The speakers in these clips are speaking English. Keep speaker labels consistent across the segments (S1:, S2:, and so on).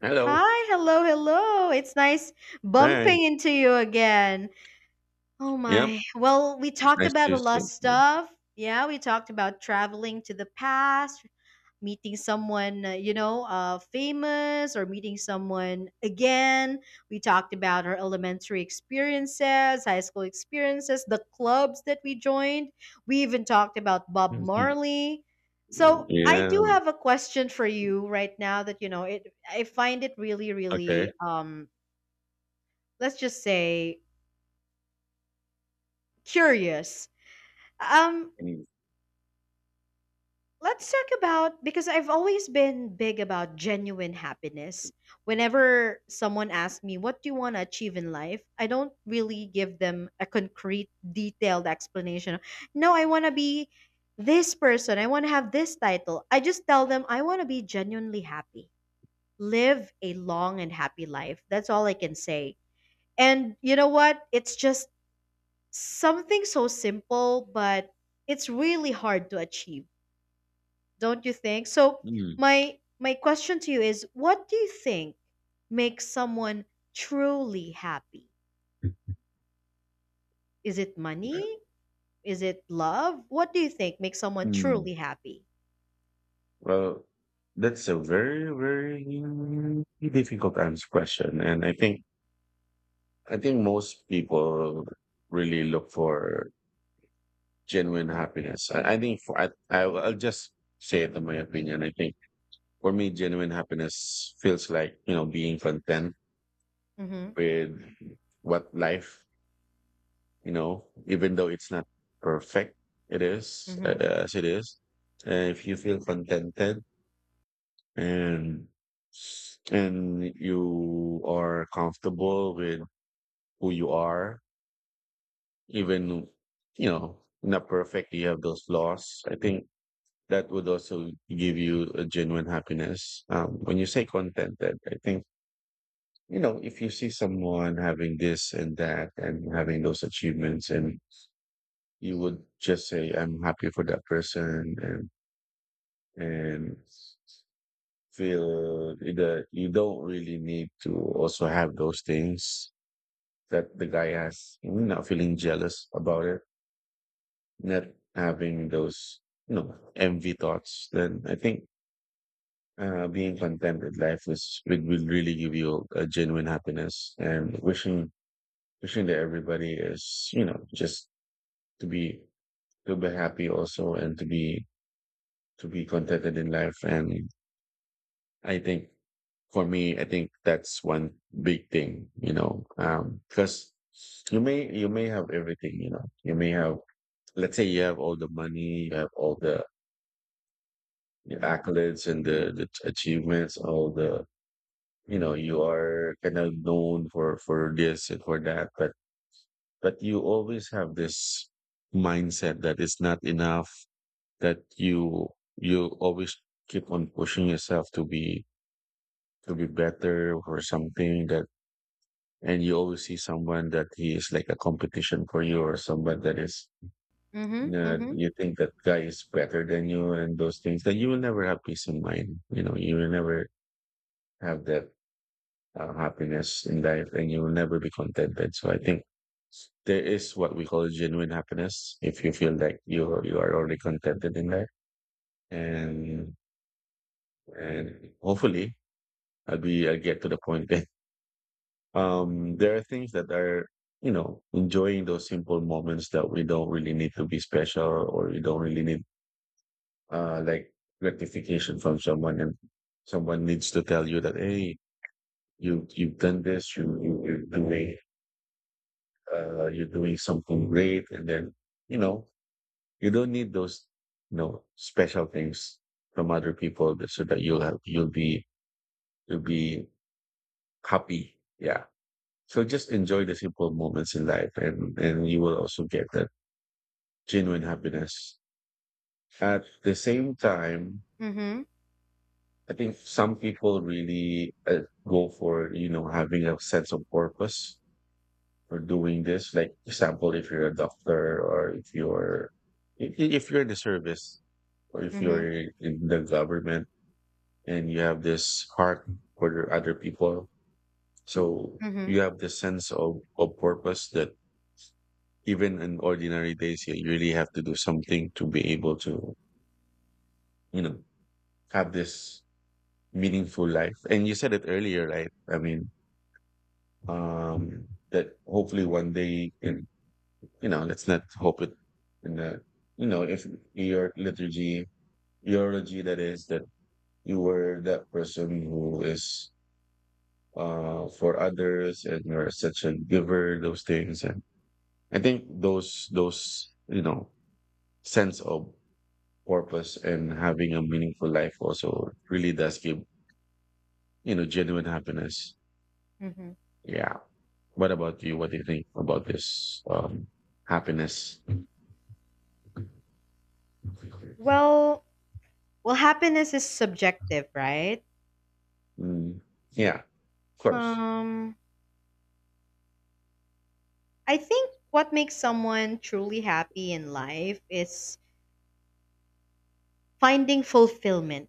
S1: Hello.
S2: Hi, hello, hello. It's nice
S1: Hi.
S2: bumping into you again. Oh
S1: Yep.
S2: my. Well, we
S1: It's
S2: talked
S1: nice
S2: about a
S1: to
S2: lot of
S1: see you.
S2: stuff. Yeah, we talked about traveling to the past, meeting someone, famous, or meeting someone again. We talked about our elementary experiences, high school experiences, the clubs that we joined. We even talked about Bob
S1: Mhm.
S2: Marley.
S1: Mm.
S2: So I do
S1: Yeah.
S2: have a question for you right now that, it I find it really, really…
S1: Okay.
S2: let's just say curious. Um,
S1: Mm.
S2: Let's talk about, because I've always been big about genuine happiness. Whenever someone asks me, "What do you want to achieve in life?" I don't really give them a concrete, detailed explanation of, "No, I want to be this person. I want to have this title." I just tell them, "I want to be genuinely happy, live a long and happy life." That's all I can say. And you know what? It's just something so simple, but it's really hard to achieve, don't you think? So
S1: Mm.
S2: my question to you is, what do you think makes someone truly happy? Is it money? Is it love? What do you think makes someone
S1: Mm.
S2: truly happy?
S1: Well, that's a very, very difficult answer question. And I think most people really look for genuine happiness. I think for I I'll just say it in my opinion. I think for me, genuine happiness feels like, being content
S2: Mhm.
S1: with what life, even though it's not perfect, it is
S2: Mhm.
S1: as it is. And if you feel contented and you are comfortable with who you are, even not perfect, you have those flaws. I think that would also give you a genuine happiness. When you say contented, I think if you see someone having this and that and having those achievements and you would just say I'm happy for that person and and feel that you don't really need to also have those things that the guy has, not feeling jealous about it, not having those envy thoughts. Then I think being content with life, is it will really give you a genuine happiness, and wishing that everybody is just to be happy also, and to be contented in life. And I think for me, I think that's one big thing, because you may have everything, you may have, let's say you have all the money, you have all the accolades and the achievements, all the you are kind of known for this and for that, but you always have this mindset that it's not enough, that you always keep on pushing yourself to be better or something. That, and you always see someone that he is like a competition for you, or someone that is
S2: Mhm, mhm,
S1: you think that guy is better than you and those things, then you will never have peace in mind. You will never have that happiness in life, and you will never be contented. So I think there is what we call genuine happiness. If you feel like you are already contented in life, and hopefully I'll get to the point. There are things that are, enjoying those simple moments that we don't really need to be special, or we don't really need like gratification from someone, and someone needs to tell you that, hey, you've done this, you're doing something great. And then you know you don't need those special things from other people so that you'll be happy. Yeah. So just enjoy the simple moments in life, and, you will also get that genuine happiness. At the same time,
S2: mhm,
S1: I think some people really go for, having a sense of purpose for doing this. Like example, if you're a doctor, or if you're in the service, or if
S2: mhm,
S1: you're in the government and you have this heart for the other people. So
S2: mhm,
S1: you have this sense of purpose that even in ordinary days, you really have to do something to be able to, you know, have this meaningful life. And you said it earlier, right? I mean, that hopefully one day, let's not hope it in the, you know, if your liturgy, eulogy, that is, that you were that person who is for others, and you're such a giver, those things. And I think those, sense of purpose and having a meaningful life also really does give genuine happiness.
S2: mhm.
S1: Yeah. What about you? What do you think about this happiness?
S2: Well, well, happiness is subjective, right?
S1: Mm. Yeah. Of course.
S2: Um, I think what makes someone truly happy in life is finding fulfillment.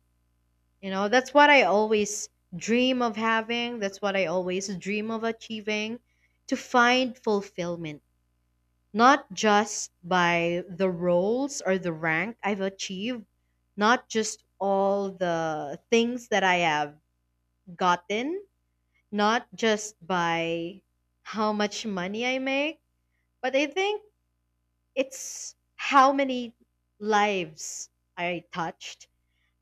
S2: You know, that's what I always dream of having. That's what I always dream of achieving, to find fulfillment, not just by the roles or the rank I've achieved, not just all the things that I have gotten, not just by how much money I make, but I think it's how many lives I touched,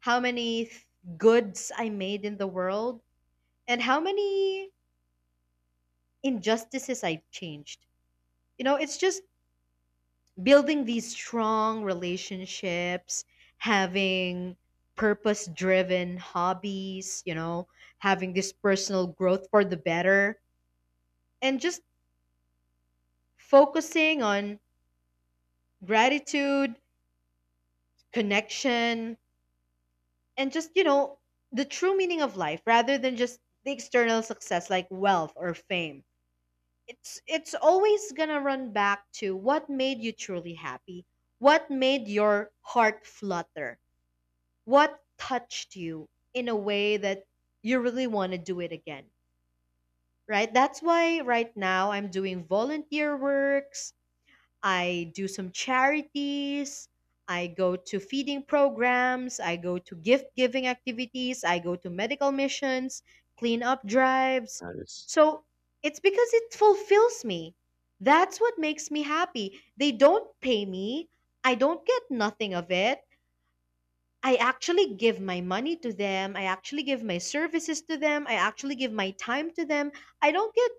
S2: how many goods I made in the world, and how many injustices I changed. You know, it's just building these strong relationships, having purpose driven hobbies, you know, having this personal growth for the better, and just focusing on gratitude, connection, and just, you know, the true meaning of life rather than just the external success like wealth or fame. It's always going to run back to, what made you truly happy? What made your heart flutter? What touched you in a way that you really want to do it again? Right? That's why right now I'm doing volunteer works. I do some charities. I go to feeding programs. I go to gift giving activities. I go to medical missions, clean up drives.
S1: That is.
S2: So it's because it fulfills me. That's what makes me happy. They don't pay me. I don't get nothing of it. I actually give my money to them. I actually give my services to them. I actually give my time to them. I don't get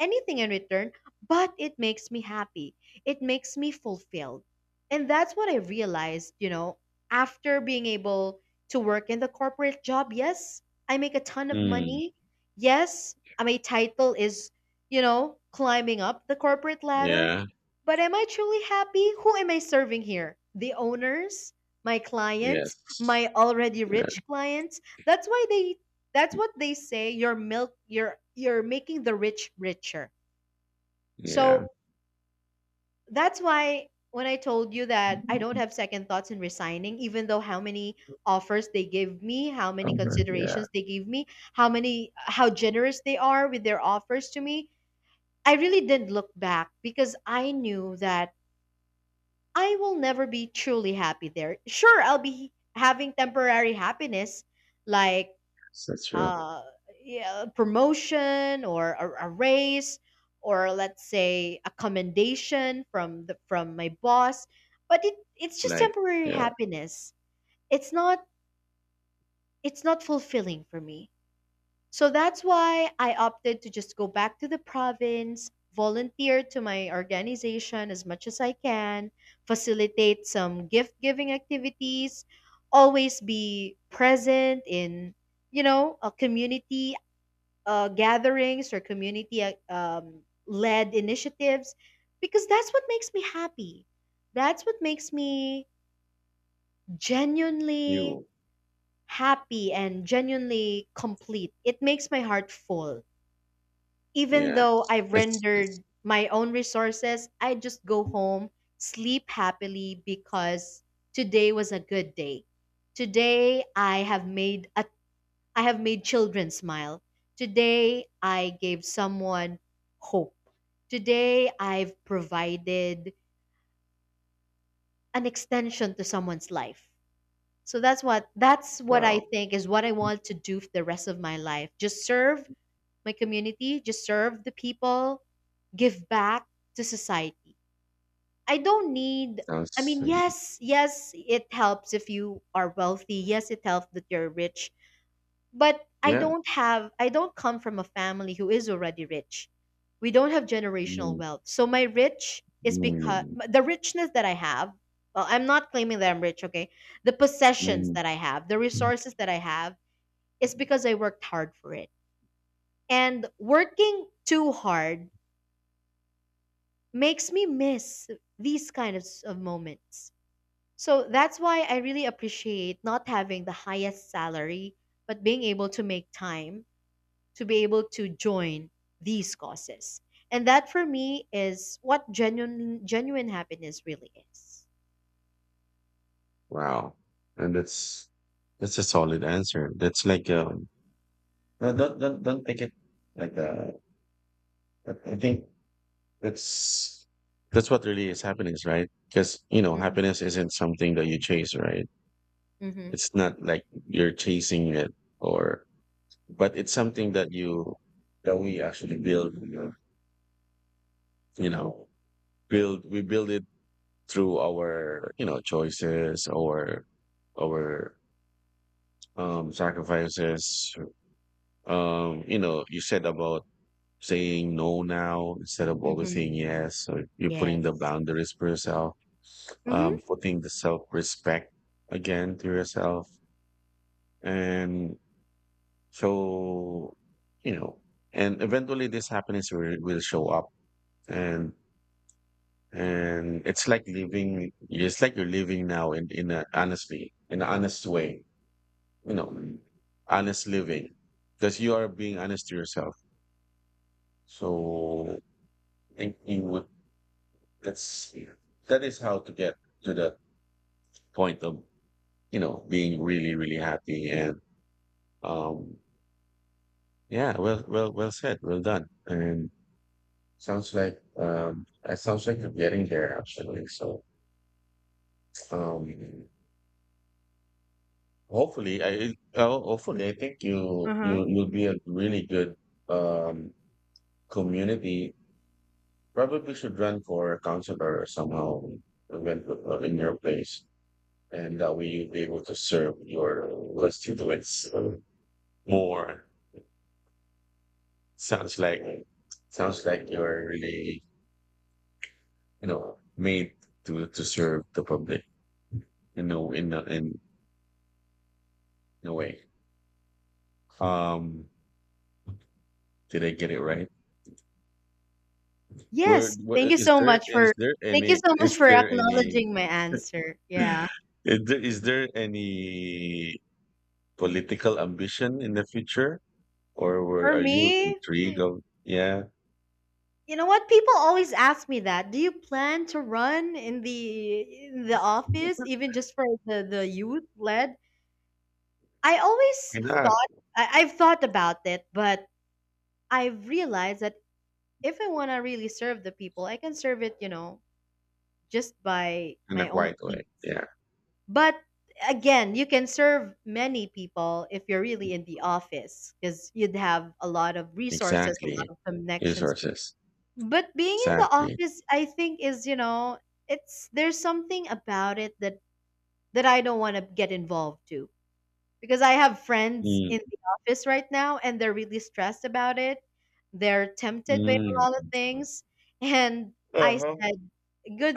S2: anything in return, but it makes me happy. It makes me fulfilled. And that's what I realized, you know, after being able to work in the corporate job. Yes, I make a ton of
S1: Mm.
S2: money. Yes, my title is, you know, climbing up the corporate ladder.
S1: Yeah.
S2: But am I truly happy? Who am I serving here? The owners? My clients?
S1: Yes.
S2: My already
S1: Yeah.
S2: rich clients. That's why they, that's what they say, you're milk, you're making the rich richer.
S1: Yeah.
S2: So that's why when I told you that I don't have second thoughts in resigning, even though how many offers they give me, how many
S1: Okay. Yeah.
S2: considerations they give me, how many, how generous they are with their offers to me, I really didn't look back because I knew that I will never be truly happy there. Sure, I'll be having temporary happiness like
S1: That's true.
S2: uh, yeah, promotion or a raise, or let's say a commendation from the from my boss. But it's just
S1: Like.
S2: temporary
S1: Yeah.
S2: happiness. It's not, it's not fulfilling for me. So that's why I opted to just go back to the province, volunteer to my organization as much as I can, facilitate some gift giving activities, always be present in, you know, a community gatherings or community led initiatives, because that's what makes me happy. That's what makes me genuinely
S1: You.
S2: happy and genuinely complete. It makes my heart full. Even
S1: Yeah.
S2: though I've
S1: It's.
S2: rendered my own resources, I just go home, sleep happily because today was a good day. Today I have made a, I have made children smile. Today, I gave someone hope. Today, I've provided an extension to someone's life. So that's what I
S1: wow.
S2: think is what I want to do for the rest of my life. Just serve my community, just serve the people, give back to society. I don't need, I
S1: Sounds.
S2: mean, yes, yes, it helps if you are wealthy. Yes, it helps that you're rich. But I
S1: Yeah.
S2: don't have, I don't come from a family who is already rich. We don't have generational
S1: Mm.
S2: wealth. So my rich is because
S1: Mm.
S2: the richness that I have, well, I'm not claiming that I'm rich, okay? The
S1: Mm.
S2: possessions
S1: Mm.
S2: that I have, the resources that I have, is because I worked hard for it. And working too hard makes me miss these kind of, of moments. So that's why I really appreciate not having the highest salary, but being able to make time to be able to join these causes. And that for me is what genuine happiness really is.
S1: Wow. And that's a solid answer. That's like no, don't take it like I think that's that's what really is happiness, right? Because
S2: Mhm.
S1: happiness isn't something that you chase, right?
S2: Mhm.
S1: It's not like you're chasing it, or but it's something that we actually you know, build, we build it through our, choices or our sacrifices. You said about saying no now instead of always
S2: Mhm.
S1: saying yes. So you're putting the
S2: Yes.
S1: boundaries for yourself,
S2: Mhm.
S1: putting the self respect again to yourself. And so, you know, and eventually this happiness will, show up, and, it's like living, it's like you're living now, in a, honestly, in an honest way, you know, honest living, because you are being honest to yourself. So I think you would that's that is how to get to the point of being really, really happy. And um yeah, well said, well done. And sounds like it sounds like you're getting there, actually. So um hopefully, oh, hopefully, I think you you
S2: Uh-huh.
S1: you'll be a really good um community, probably should run for councillor somehow, when- in your place, and that way you'll be able to serve your constituents, more. Sounds like sounds like you're really, made to serve the public. You know, in a way. Um, did I get it right? Where
S2: Yes.
S1: what
S2: Thank you
S1: is
S2: so
S1: there?
S2: much
S1: Is
S2: for,
S1: there
S2: thank you
S1: any?
S2: so much
S1: Is
S2: for
S1: there any?
S2: acknowledging my answer. Yeah.
S1: Is there any political ambition in the future, or were,
S2: For
S1: are you
S2: me,
S1: intrigued? Yeah,
S2: you know what? People always ask me that. Do you plan to run in the, in the office,
S1: why
S2: even just for the youth led? I always
S1: not,
S2: thought, I've thought about it, but I've realized that if I want to really serve the people, I can serve it, you know, just by
S1: in a
S2: my own
S1: quiet
S2: means.
S1: way? Yeah,
S2: But again, you can serve many people if you're really in the office, because you'd have a lot of resources, a lot
S1: exactly.
S2: of connections.
S1: Resources,
S2: But being in the
S1: exactly.
S2: office, I think is, you know, it's, there's something about it that that I don't want to get involved to, because I have friends in
S1: Mm.
S2: the office right now and they're really stressed about it. They're tempted by a lot of
S1: Mm.
S2: things. And I
S1: Uh-huh.
S2: said,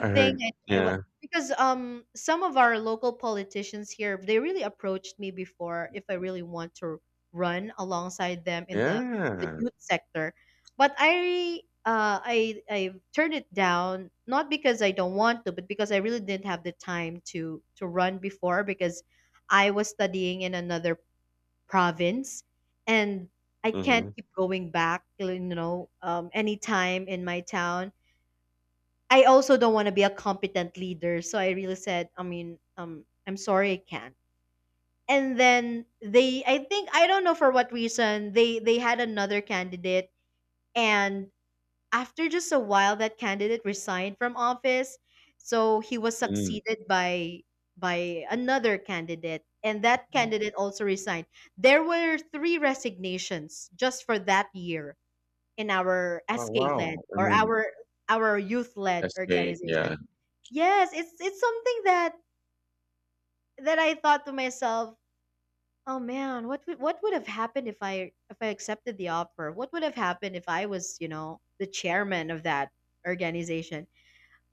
S1: I
S2: thing.
S1: heard,
S2: I, I wa-
S1: yeah.
S2: because some of our local politicians here, they really approached me before if I really want to run alongside them in the
S1: Yeah.
S2: youth sector. But I, I turned it down, not because I don't want to, but because I really didn't have the time to run before because I was studying in another province, and I can't
S1: Mhm.
S2: keep going back, you know, anytime in my town. I also don't want to be a competent leader. So I really said, I mean, I'm sorry, I can't. And then they, I think, I don't know for what reason, they had another candidate, and after just a while, that candidate resigned from office, so he was
S1: Mm.
S2: succeeded by another candidate, and that candidate also resigned. There were three resignations just for that year in our
S1: Wow.
S2: SK led
S1: Wow. I
S2: or
S1: mean,
S2: our youth led
S1: that's great. Yeah.
S2: organization. Yes, it's something that that I thought to myself, oh man, what would, what would have happened if I accepted the offer? What would have happened if I was, you know, the chairman of that organization?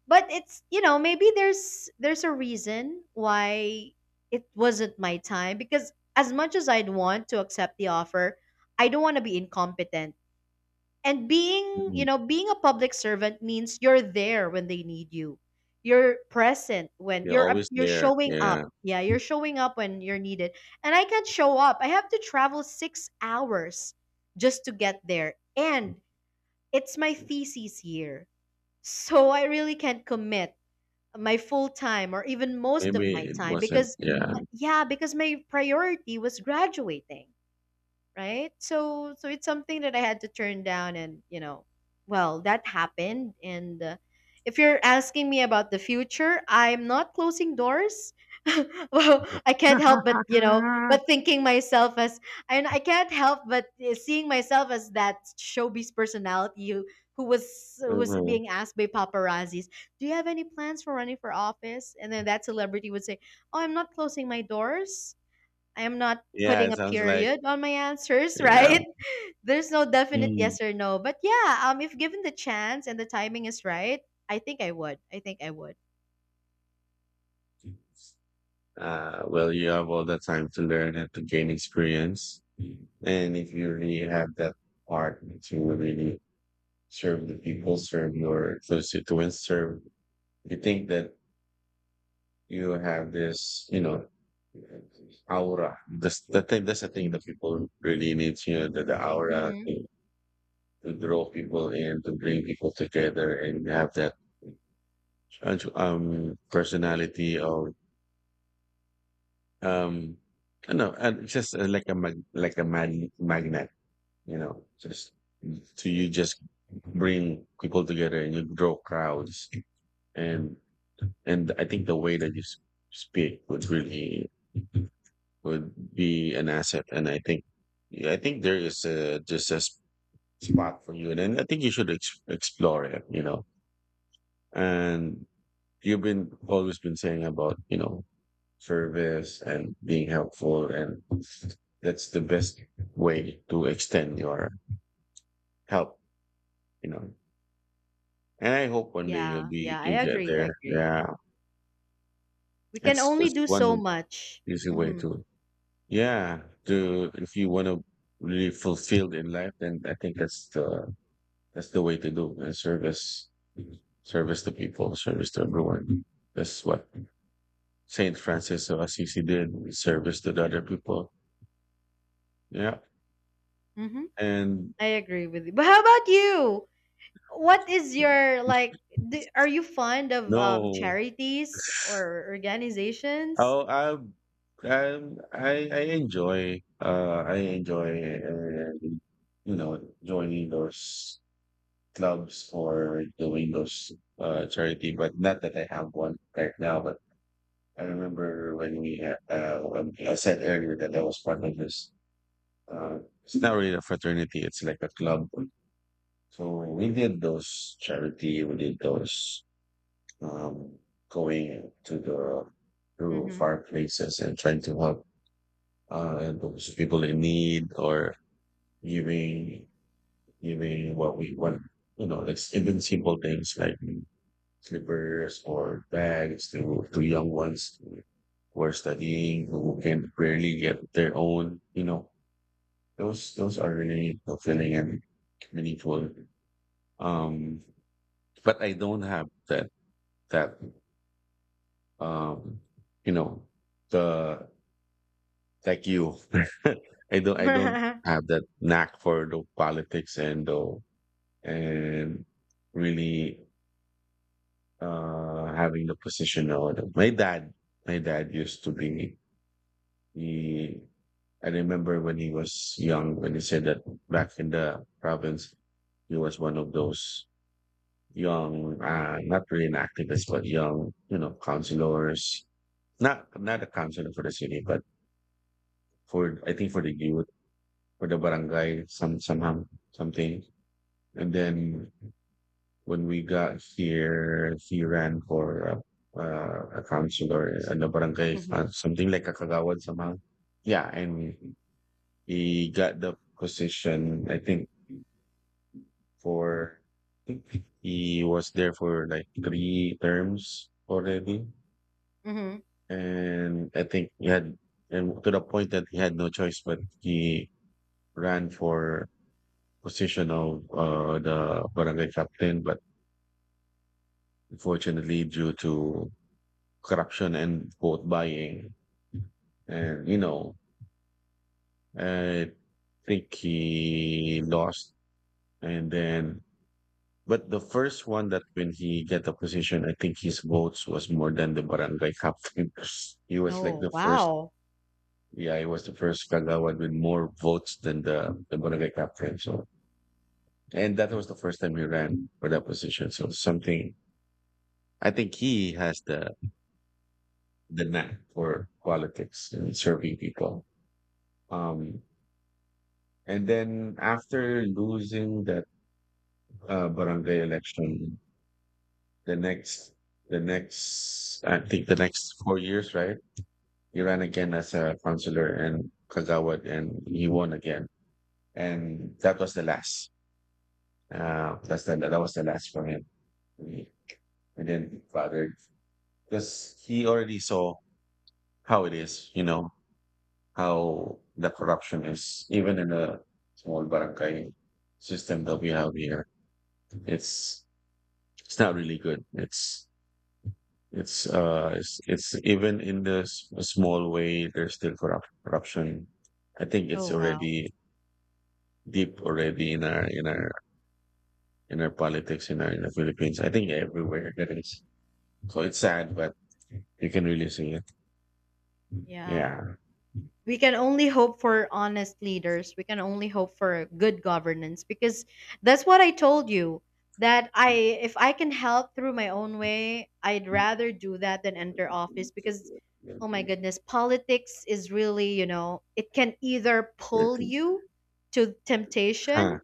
S2: But it's, you know, maybe there's a reason why it wasn't my time, because as much as I'd want to accept the offer, I don't want to be incompetent. And being, you
S1: Mhm.
S2: know, being a public servant means you're there when they need you. You're present when
S1: You're always
S2: you're
S1: there.
S2: showing
S1: Yeah.
S2: up. Yeah, you're showing up when you're needed. And I can't show up. I have to travel 6 hours just to get there. And it's my thesis year. So I really can't commit my full time or even most of
S1: Maybe
S2: my
S1: it
S2: time
S1: wasn't.
S2: because
S1: Yeah.
S2: yeah, because my priority was graduating, right? So so it's something that I had to turn down, and you know, well, that happened. And if you're asking me about the future, I'm not closing doors. Well, I can't help but, you know, but thinking myself as, and I can't help but seeing myself as that showbiz personality who, who was
S1: Mhm.
S2: being asked by paparazzis, "Do you have any plans for running for office?" And then that celebrity would say, "Oh, I'm not closing my doors. I am not
S1: Yeah,
S2: putting
S1: it
S2: a
S1: sounds like,
S2: period on my answers,
S1: yeah.
S2: right?" There's no definite
S1: Mm.
S2: yes or no. But yeah, if given the chance and the timing is right, I think I would. I think I would.
S1: Well, you have all the time to learn and to gain experience. And if you really have that heart to really serve the people, serve your constituents, you think that you have this, aura. That's the thing. That's the thing that people really need. You know, the aura
S2: Mhm.
S1: to draw people in, to bring people together, and have that personality of um, I don't know, and it's just like a magnet. You know, just to you just bring people together, and you draw crowds. And I think the way that you speak would be an asset. And I think there is just a spot for you, and then I think you should explore it. And you've been, always been saying about, service and being helpful, and that's the best way to extend your help you know and I hope one day you'll
S2: Yeah.
S1: be
S2: Yeah, I
S1: you get
S2: agree. I
S1: there.
S2: agree.
S1: Yeah.
S2: We can
S1: it's
S2: only
S1: it's
S2: do so
S1: one
S2: much.
S1: easy way
S2: Mhm.
S1: to yeah to if you want to really fulfilled in life. Then I think that's the way to do, and service to people, service to everyone. That's what Saint Francis of Assisi did, service to the other people. Yeah.
S2: Mhm.
S1: And
S2: I agree with you. But how about you? What is your, like, do, are you fond of
S1: no.
S2: charities or organizations?
S1: Oh, I, I enjoy uh, you joining those clubs or doing those charity, but not that I have one right now. But I remember when I said earlier that I was part of this. Uh, it's not really a fraternity; it's like a club. So we did those charity. We did those um, going to the, to
S2: Mhm.
S1: far places, and trying to help, and those people in need, or giving giving what we want. You know, like even simple things like slippers or bags to young ones who are studying, who can barely get their own, you know. Those are really fulfilling and meaningful. Um, but I don't have that, that, um, you know, the, like you, I don't have that knack for the politics, and really, having the position or my dad used to be. He, I remember when he said that back in the province, he was one of those young, not really an activist, but young, councilors. Not a councilor for the city, but for, I think, for the youth, for the barangay, somehow something. And then when we got here, he ran for a councilor and a barangay,
S2: Mhm. Mhm.
S1: something like a kagawad somehow. Yeah, and he got the position, I think, for, I think he was there for like three terms already. And I think he had and to the point that he had no choice, but he ran for position of, the barangay captain, but unfortunately due to corruption and vote buying, and I think he lost. And then, but the first one, that when he get a position, I think his votes was more than the barangay captain. He was like
S2: Oh,
S1: the first,
S2: wow.
S1: yeah, he was the first Kagawad with more votes than the barangay captain. So, and that was the first time he ran for that position. So something, I think he has the knack for politics and serving people. Um, and then, after losing that, barangay election, the next, the next, I think the next 4 years, right? He ran again as a counselor in Kagawad, and he won again. And that was the last. That was the last for him. He, didn't bother, because he already saw how it is, you know, how the corruption is, even in a small barangay system that we have here. It's, it's not really good. It's even in the small way, there's still corruption. I think
S2: Oh,
S1: it's
S2: wow.
S1: already deep already in our, in our politics, in the Philippines. I think everywhere there is. So it's sad, but you can really see it.
S2: Yeah.
S1: Yeah.
S2: We can only hope for honest leaders. We can only hope for good governance because that's what I told you that I if I can help through my own way, I'd rather do that than enter office because, oh my goodness, politics is really, you know, it can either pull you to temptation,
S1: Huh.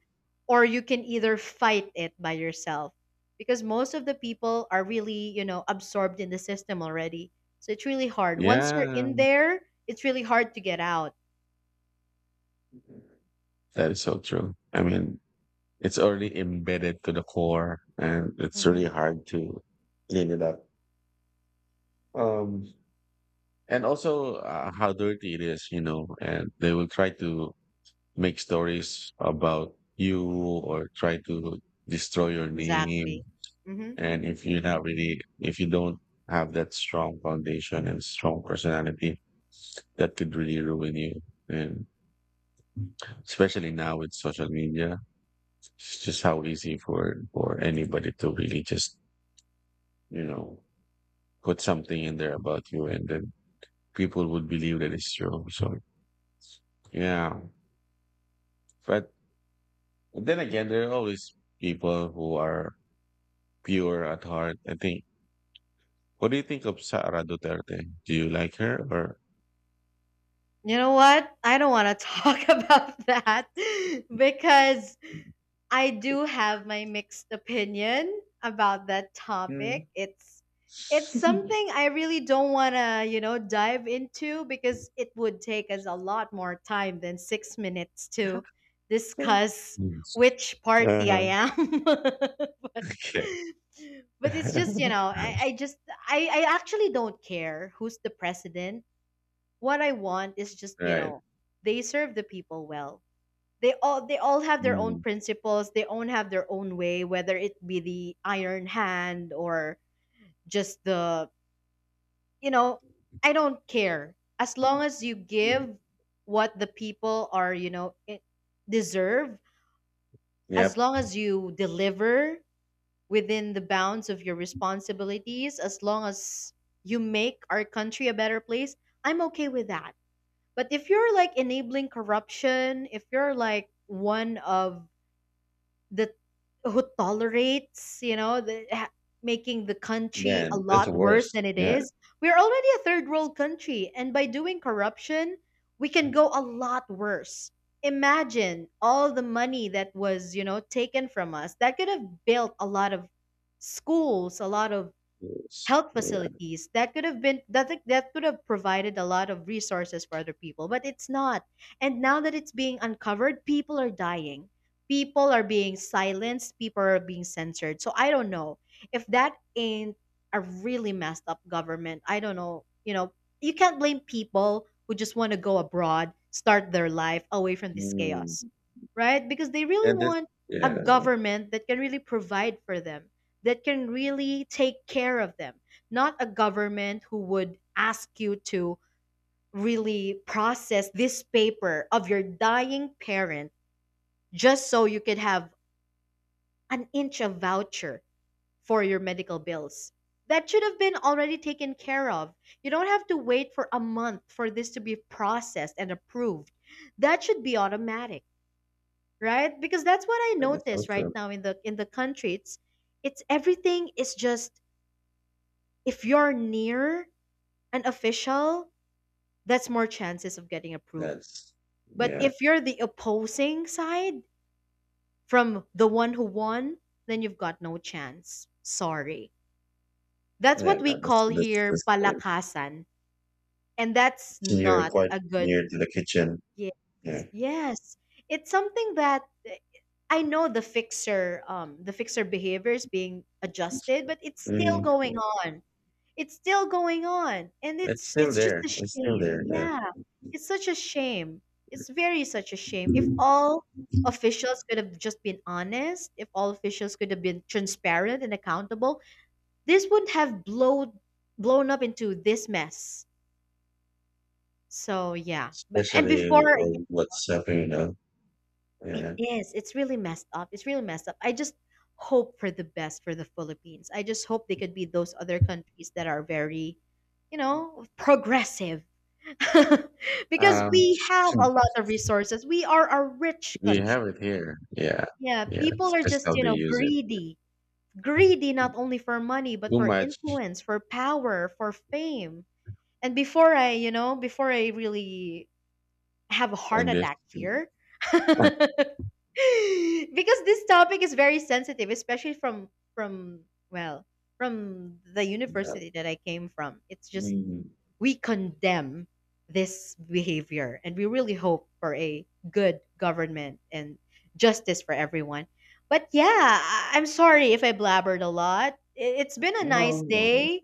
S2: or you can either fight it by yourself because most of the people are really, you know, absorbed in the system already. So it's really hard. Once you're
S1: Yeah.
S2: in there, it's really hard to get out.
S1: That is so true. I mean, it's already embedded to the core, and it's
S2: hmm
S1: really hard to clean it up. Um, and also, how dirty it is, you know, and they will try to make stories about you or try to destroy your
S2: Exactly.
S1: name.
S2: hmm
S1: And if you don't have that strong foundation and strong personality, that could really ruin you. And especially now with social media, it's just how easy for anybody to really just, you know put something in there about you, and then people would believe that it's true. So yeah, but then again, there are always people who are pure at heart. I think. What do you think of Sara Duterte? Do you like her or?
S2: You know what? I don't want to talk about that because I do have my mixed opinion about that
S1: Mm.
S2: topic. It's something I really don't want to, you know, dive into because it would take us a lot more time than 6 minutes
S1: Yes.
S2: to discuss which party I
S1: Uh-huh.
S2: am.
S1: Okay.
S2: But it's just, you know, I just I actually don't care who's the president. What I want is just, you
S1: Right.
S2: know, they serve the people well. They all they all have their own
S1: Mm.
S2: principles. They all have their own way, whether it be the iron hand or just the, you know, I don't care, as long as you give what the people are, you know, deserve. As
S1: Yep.
S2: long as you deliver within the bounds of your responsibilities, as long as you make our country a better place, I'm okay with that. But if you're like enabling corruption, if you're like one of that who tolerates, you know, making the country a
S1: Then that's
S2: lot
S1: the
S2: worse
S1: worst.
S2: than it
S1: Yeah.
S2: is. We're already a third world country, and by doing corruption, we can go a lot worse. Imagine all the money that was, you know, taken from us. That could have built a lot of schools, a lot of
S1: Yes.
S2: health
S1: Yeah.
S2: facilities, that could have been that could have provided a lot of resources for other people, but it's not. And now that it's being uncovered, people are dying, people are being silenced, people are being censored. So I don't know, if that ain't a really messed up government, I don't know, you know. You can't blame people who just want to go abroad, start their life away from this chaos,
S1: Mm.
S2: right? Because they really
S1: And this,
S2: want a
S1: yeah,
S2: government that can really provide for them, that can really take care of them, not a government who would ask you to really process this paper of your dying parent just so you could have an inch of voucher for your medical bills. That should have been already taken care of. You don't have to wait for a month for this to be processed and approved. That should be automatic, right? Because that's what I
S1: that is so
S2: notice right
S1: true.
S2: now in the country. It's everything is just, if you're near an official, that's more chances of getting approved.
S1: That's,
S2: But
S1: yeah,
S2: if you're the opposing side from the one who won, then you've got no chance. Sorry. That's
S1: yeah,
S2: what we call here
S1: that's, yeah.
S2: palakasan. And that's
S1: So, you're
S2: not
S1: quite
S2: a good.
S1: near to the kitchen.
S2: Yes.
S1: Yeah.
S2: Yes. It's something that I know the fixer behavior is being adjusted, but it's still
S1: Mm.
S2: going on. It's still going on, and
S1: It's
S2: it's
S1: still
S2: it's just
S1: there.
S2: a
S1: It's still
S2: shame.
S1: there. Yeah.
S2: Yeah, it's such a shame. It's very such a shame. If all officials could have just been honest, if all officials could have been transparent and accountable, this wouldn't have blown up into this mess. So yeah, but and
S1: Especially
S2: before, yeah,
S1: on WhatsApp.
S2: it
S1: Yeah.
S2: is, it's really messed up. It's really messed up. I just hope for the best for the Philippines. I just hope they could be those other countries that are very, you know, progressive, because
S1: Um,
S2: we have
S1: hmm.
S2: a lot of resources. We are a rich
S1: We have
S2: country.
S1: it here. Yeah.
S2: Yeah,
S1: Yeah.
S2: people
S1: It's
S2: are
S1: just
S2: just,
S1: how
S2: you
S1: they
S2: know,
S1: use it.
S2: greedy. Greedy not only for money, but
S1: Too
S2: for
S1: much
S2: influence, for power, for fame. And before I, you know, before I really have a heart
S1: and this.
S2: attack here, because this topic is very sensitive, especially from well, from the
S1: Yeah.
S2: university that I came from. It's just
S1: Mm.
S2: we condemn this behavior and we really hope for a good government and justice for everyone. But yeah, I'm sorry if I blabbered a lot. It's been a nice
S1: No, no.
S2: day.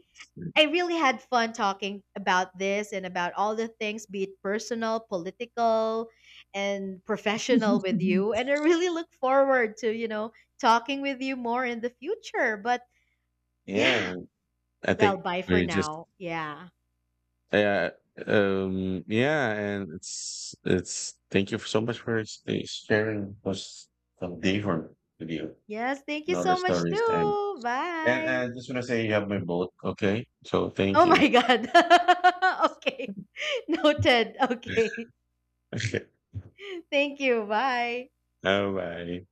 S2: I really had fun talking about this and about all the things, be it personal, political, and professional with
S1: Mhm.
S2: you. And I really look forward to, you know, talking with you more in the future. But yeah,
S1: Yeah. I
S2: well,
S1: think
S2: bye for
S1: we just,
S2: now. Yeah.
S1: yeah. Yeah, and it's, thank you so much for sharing us some different with you,
S2: Yes, thank
S1: and
S2: you
S1: all the
S2: so much
S1: stories, and
S2: too. Bye.
S1: I just wanna say you have my vote, okay? So thank
S2: Oh
S1: you.
S2: my God. Okay. Noted. Okay.
S1: Okay.
S2: Thank you. Bye.
S1: Bye bye.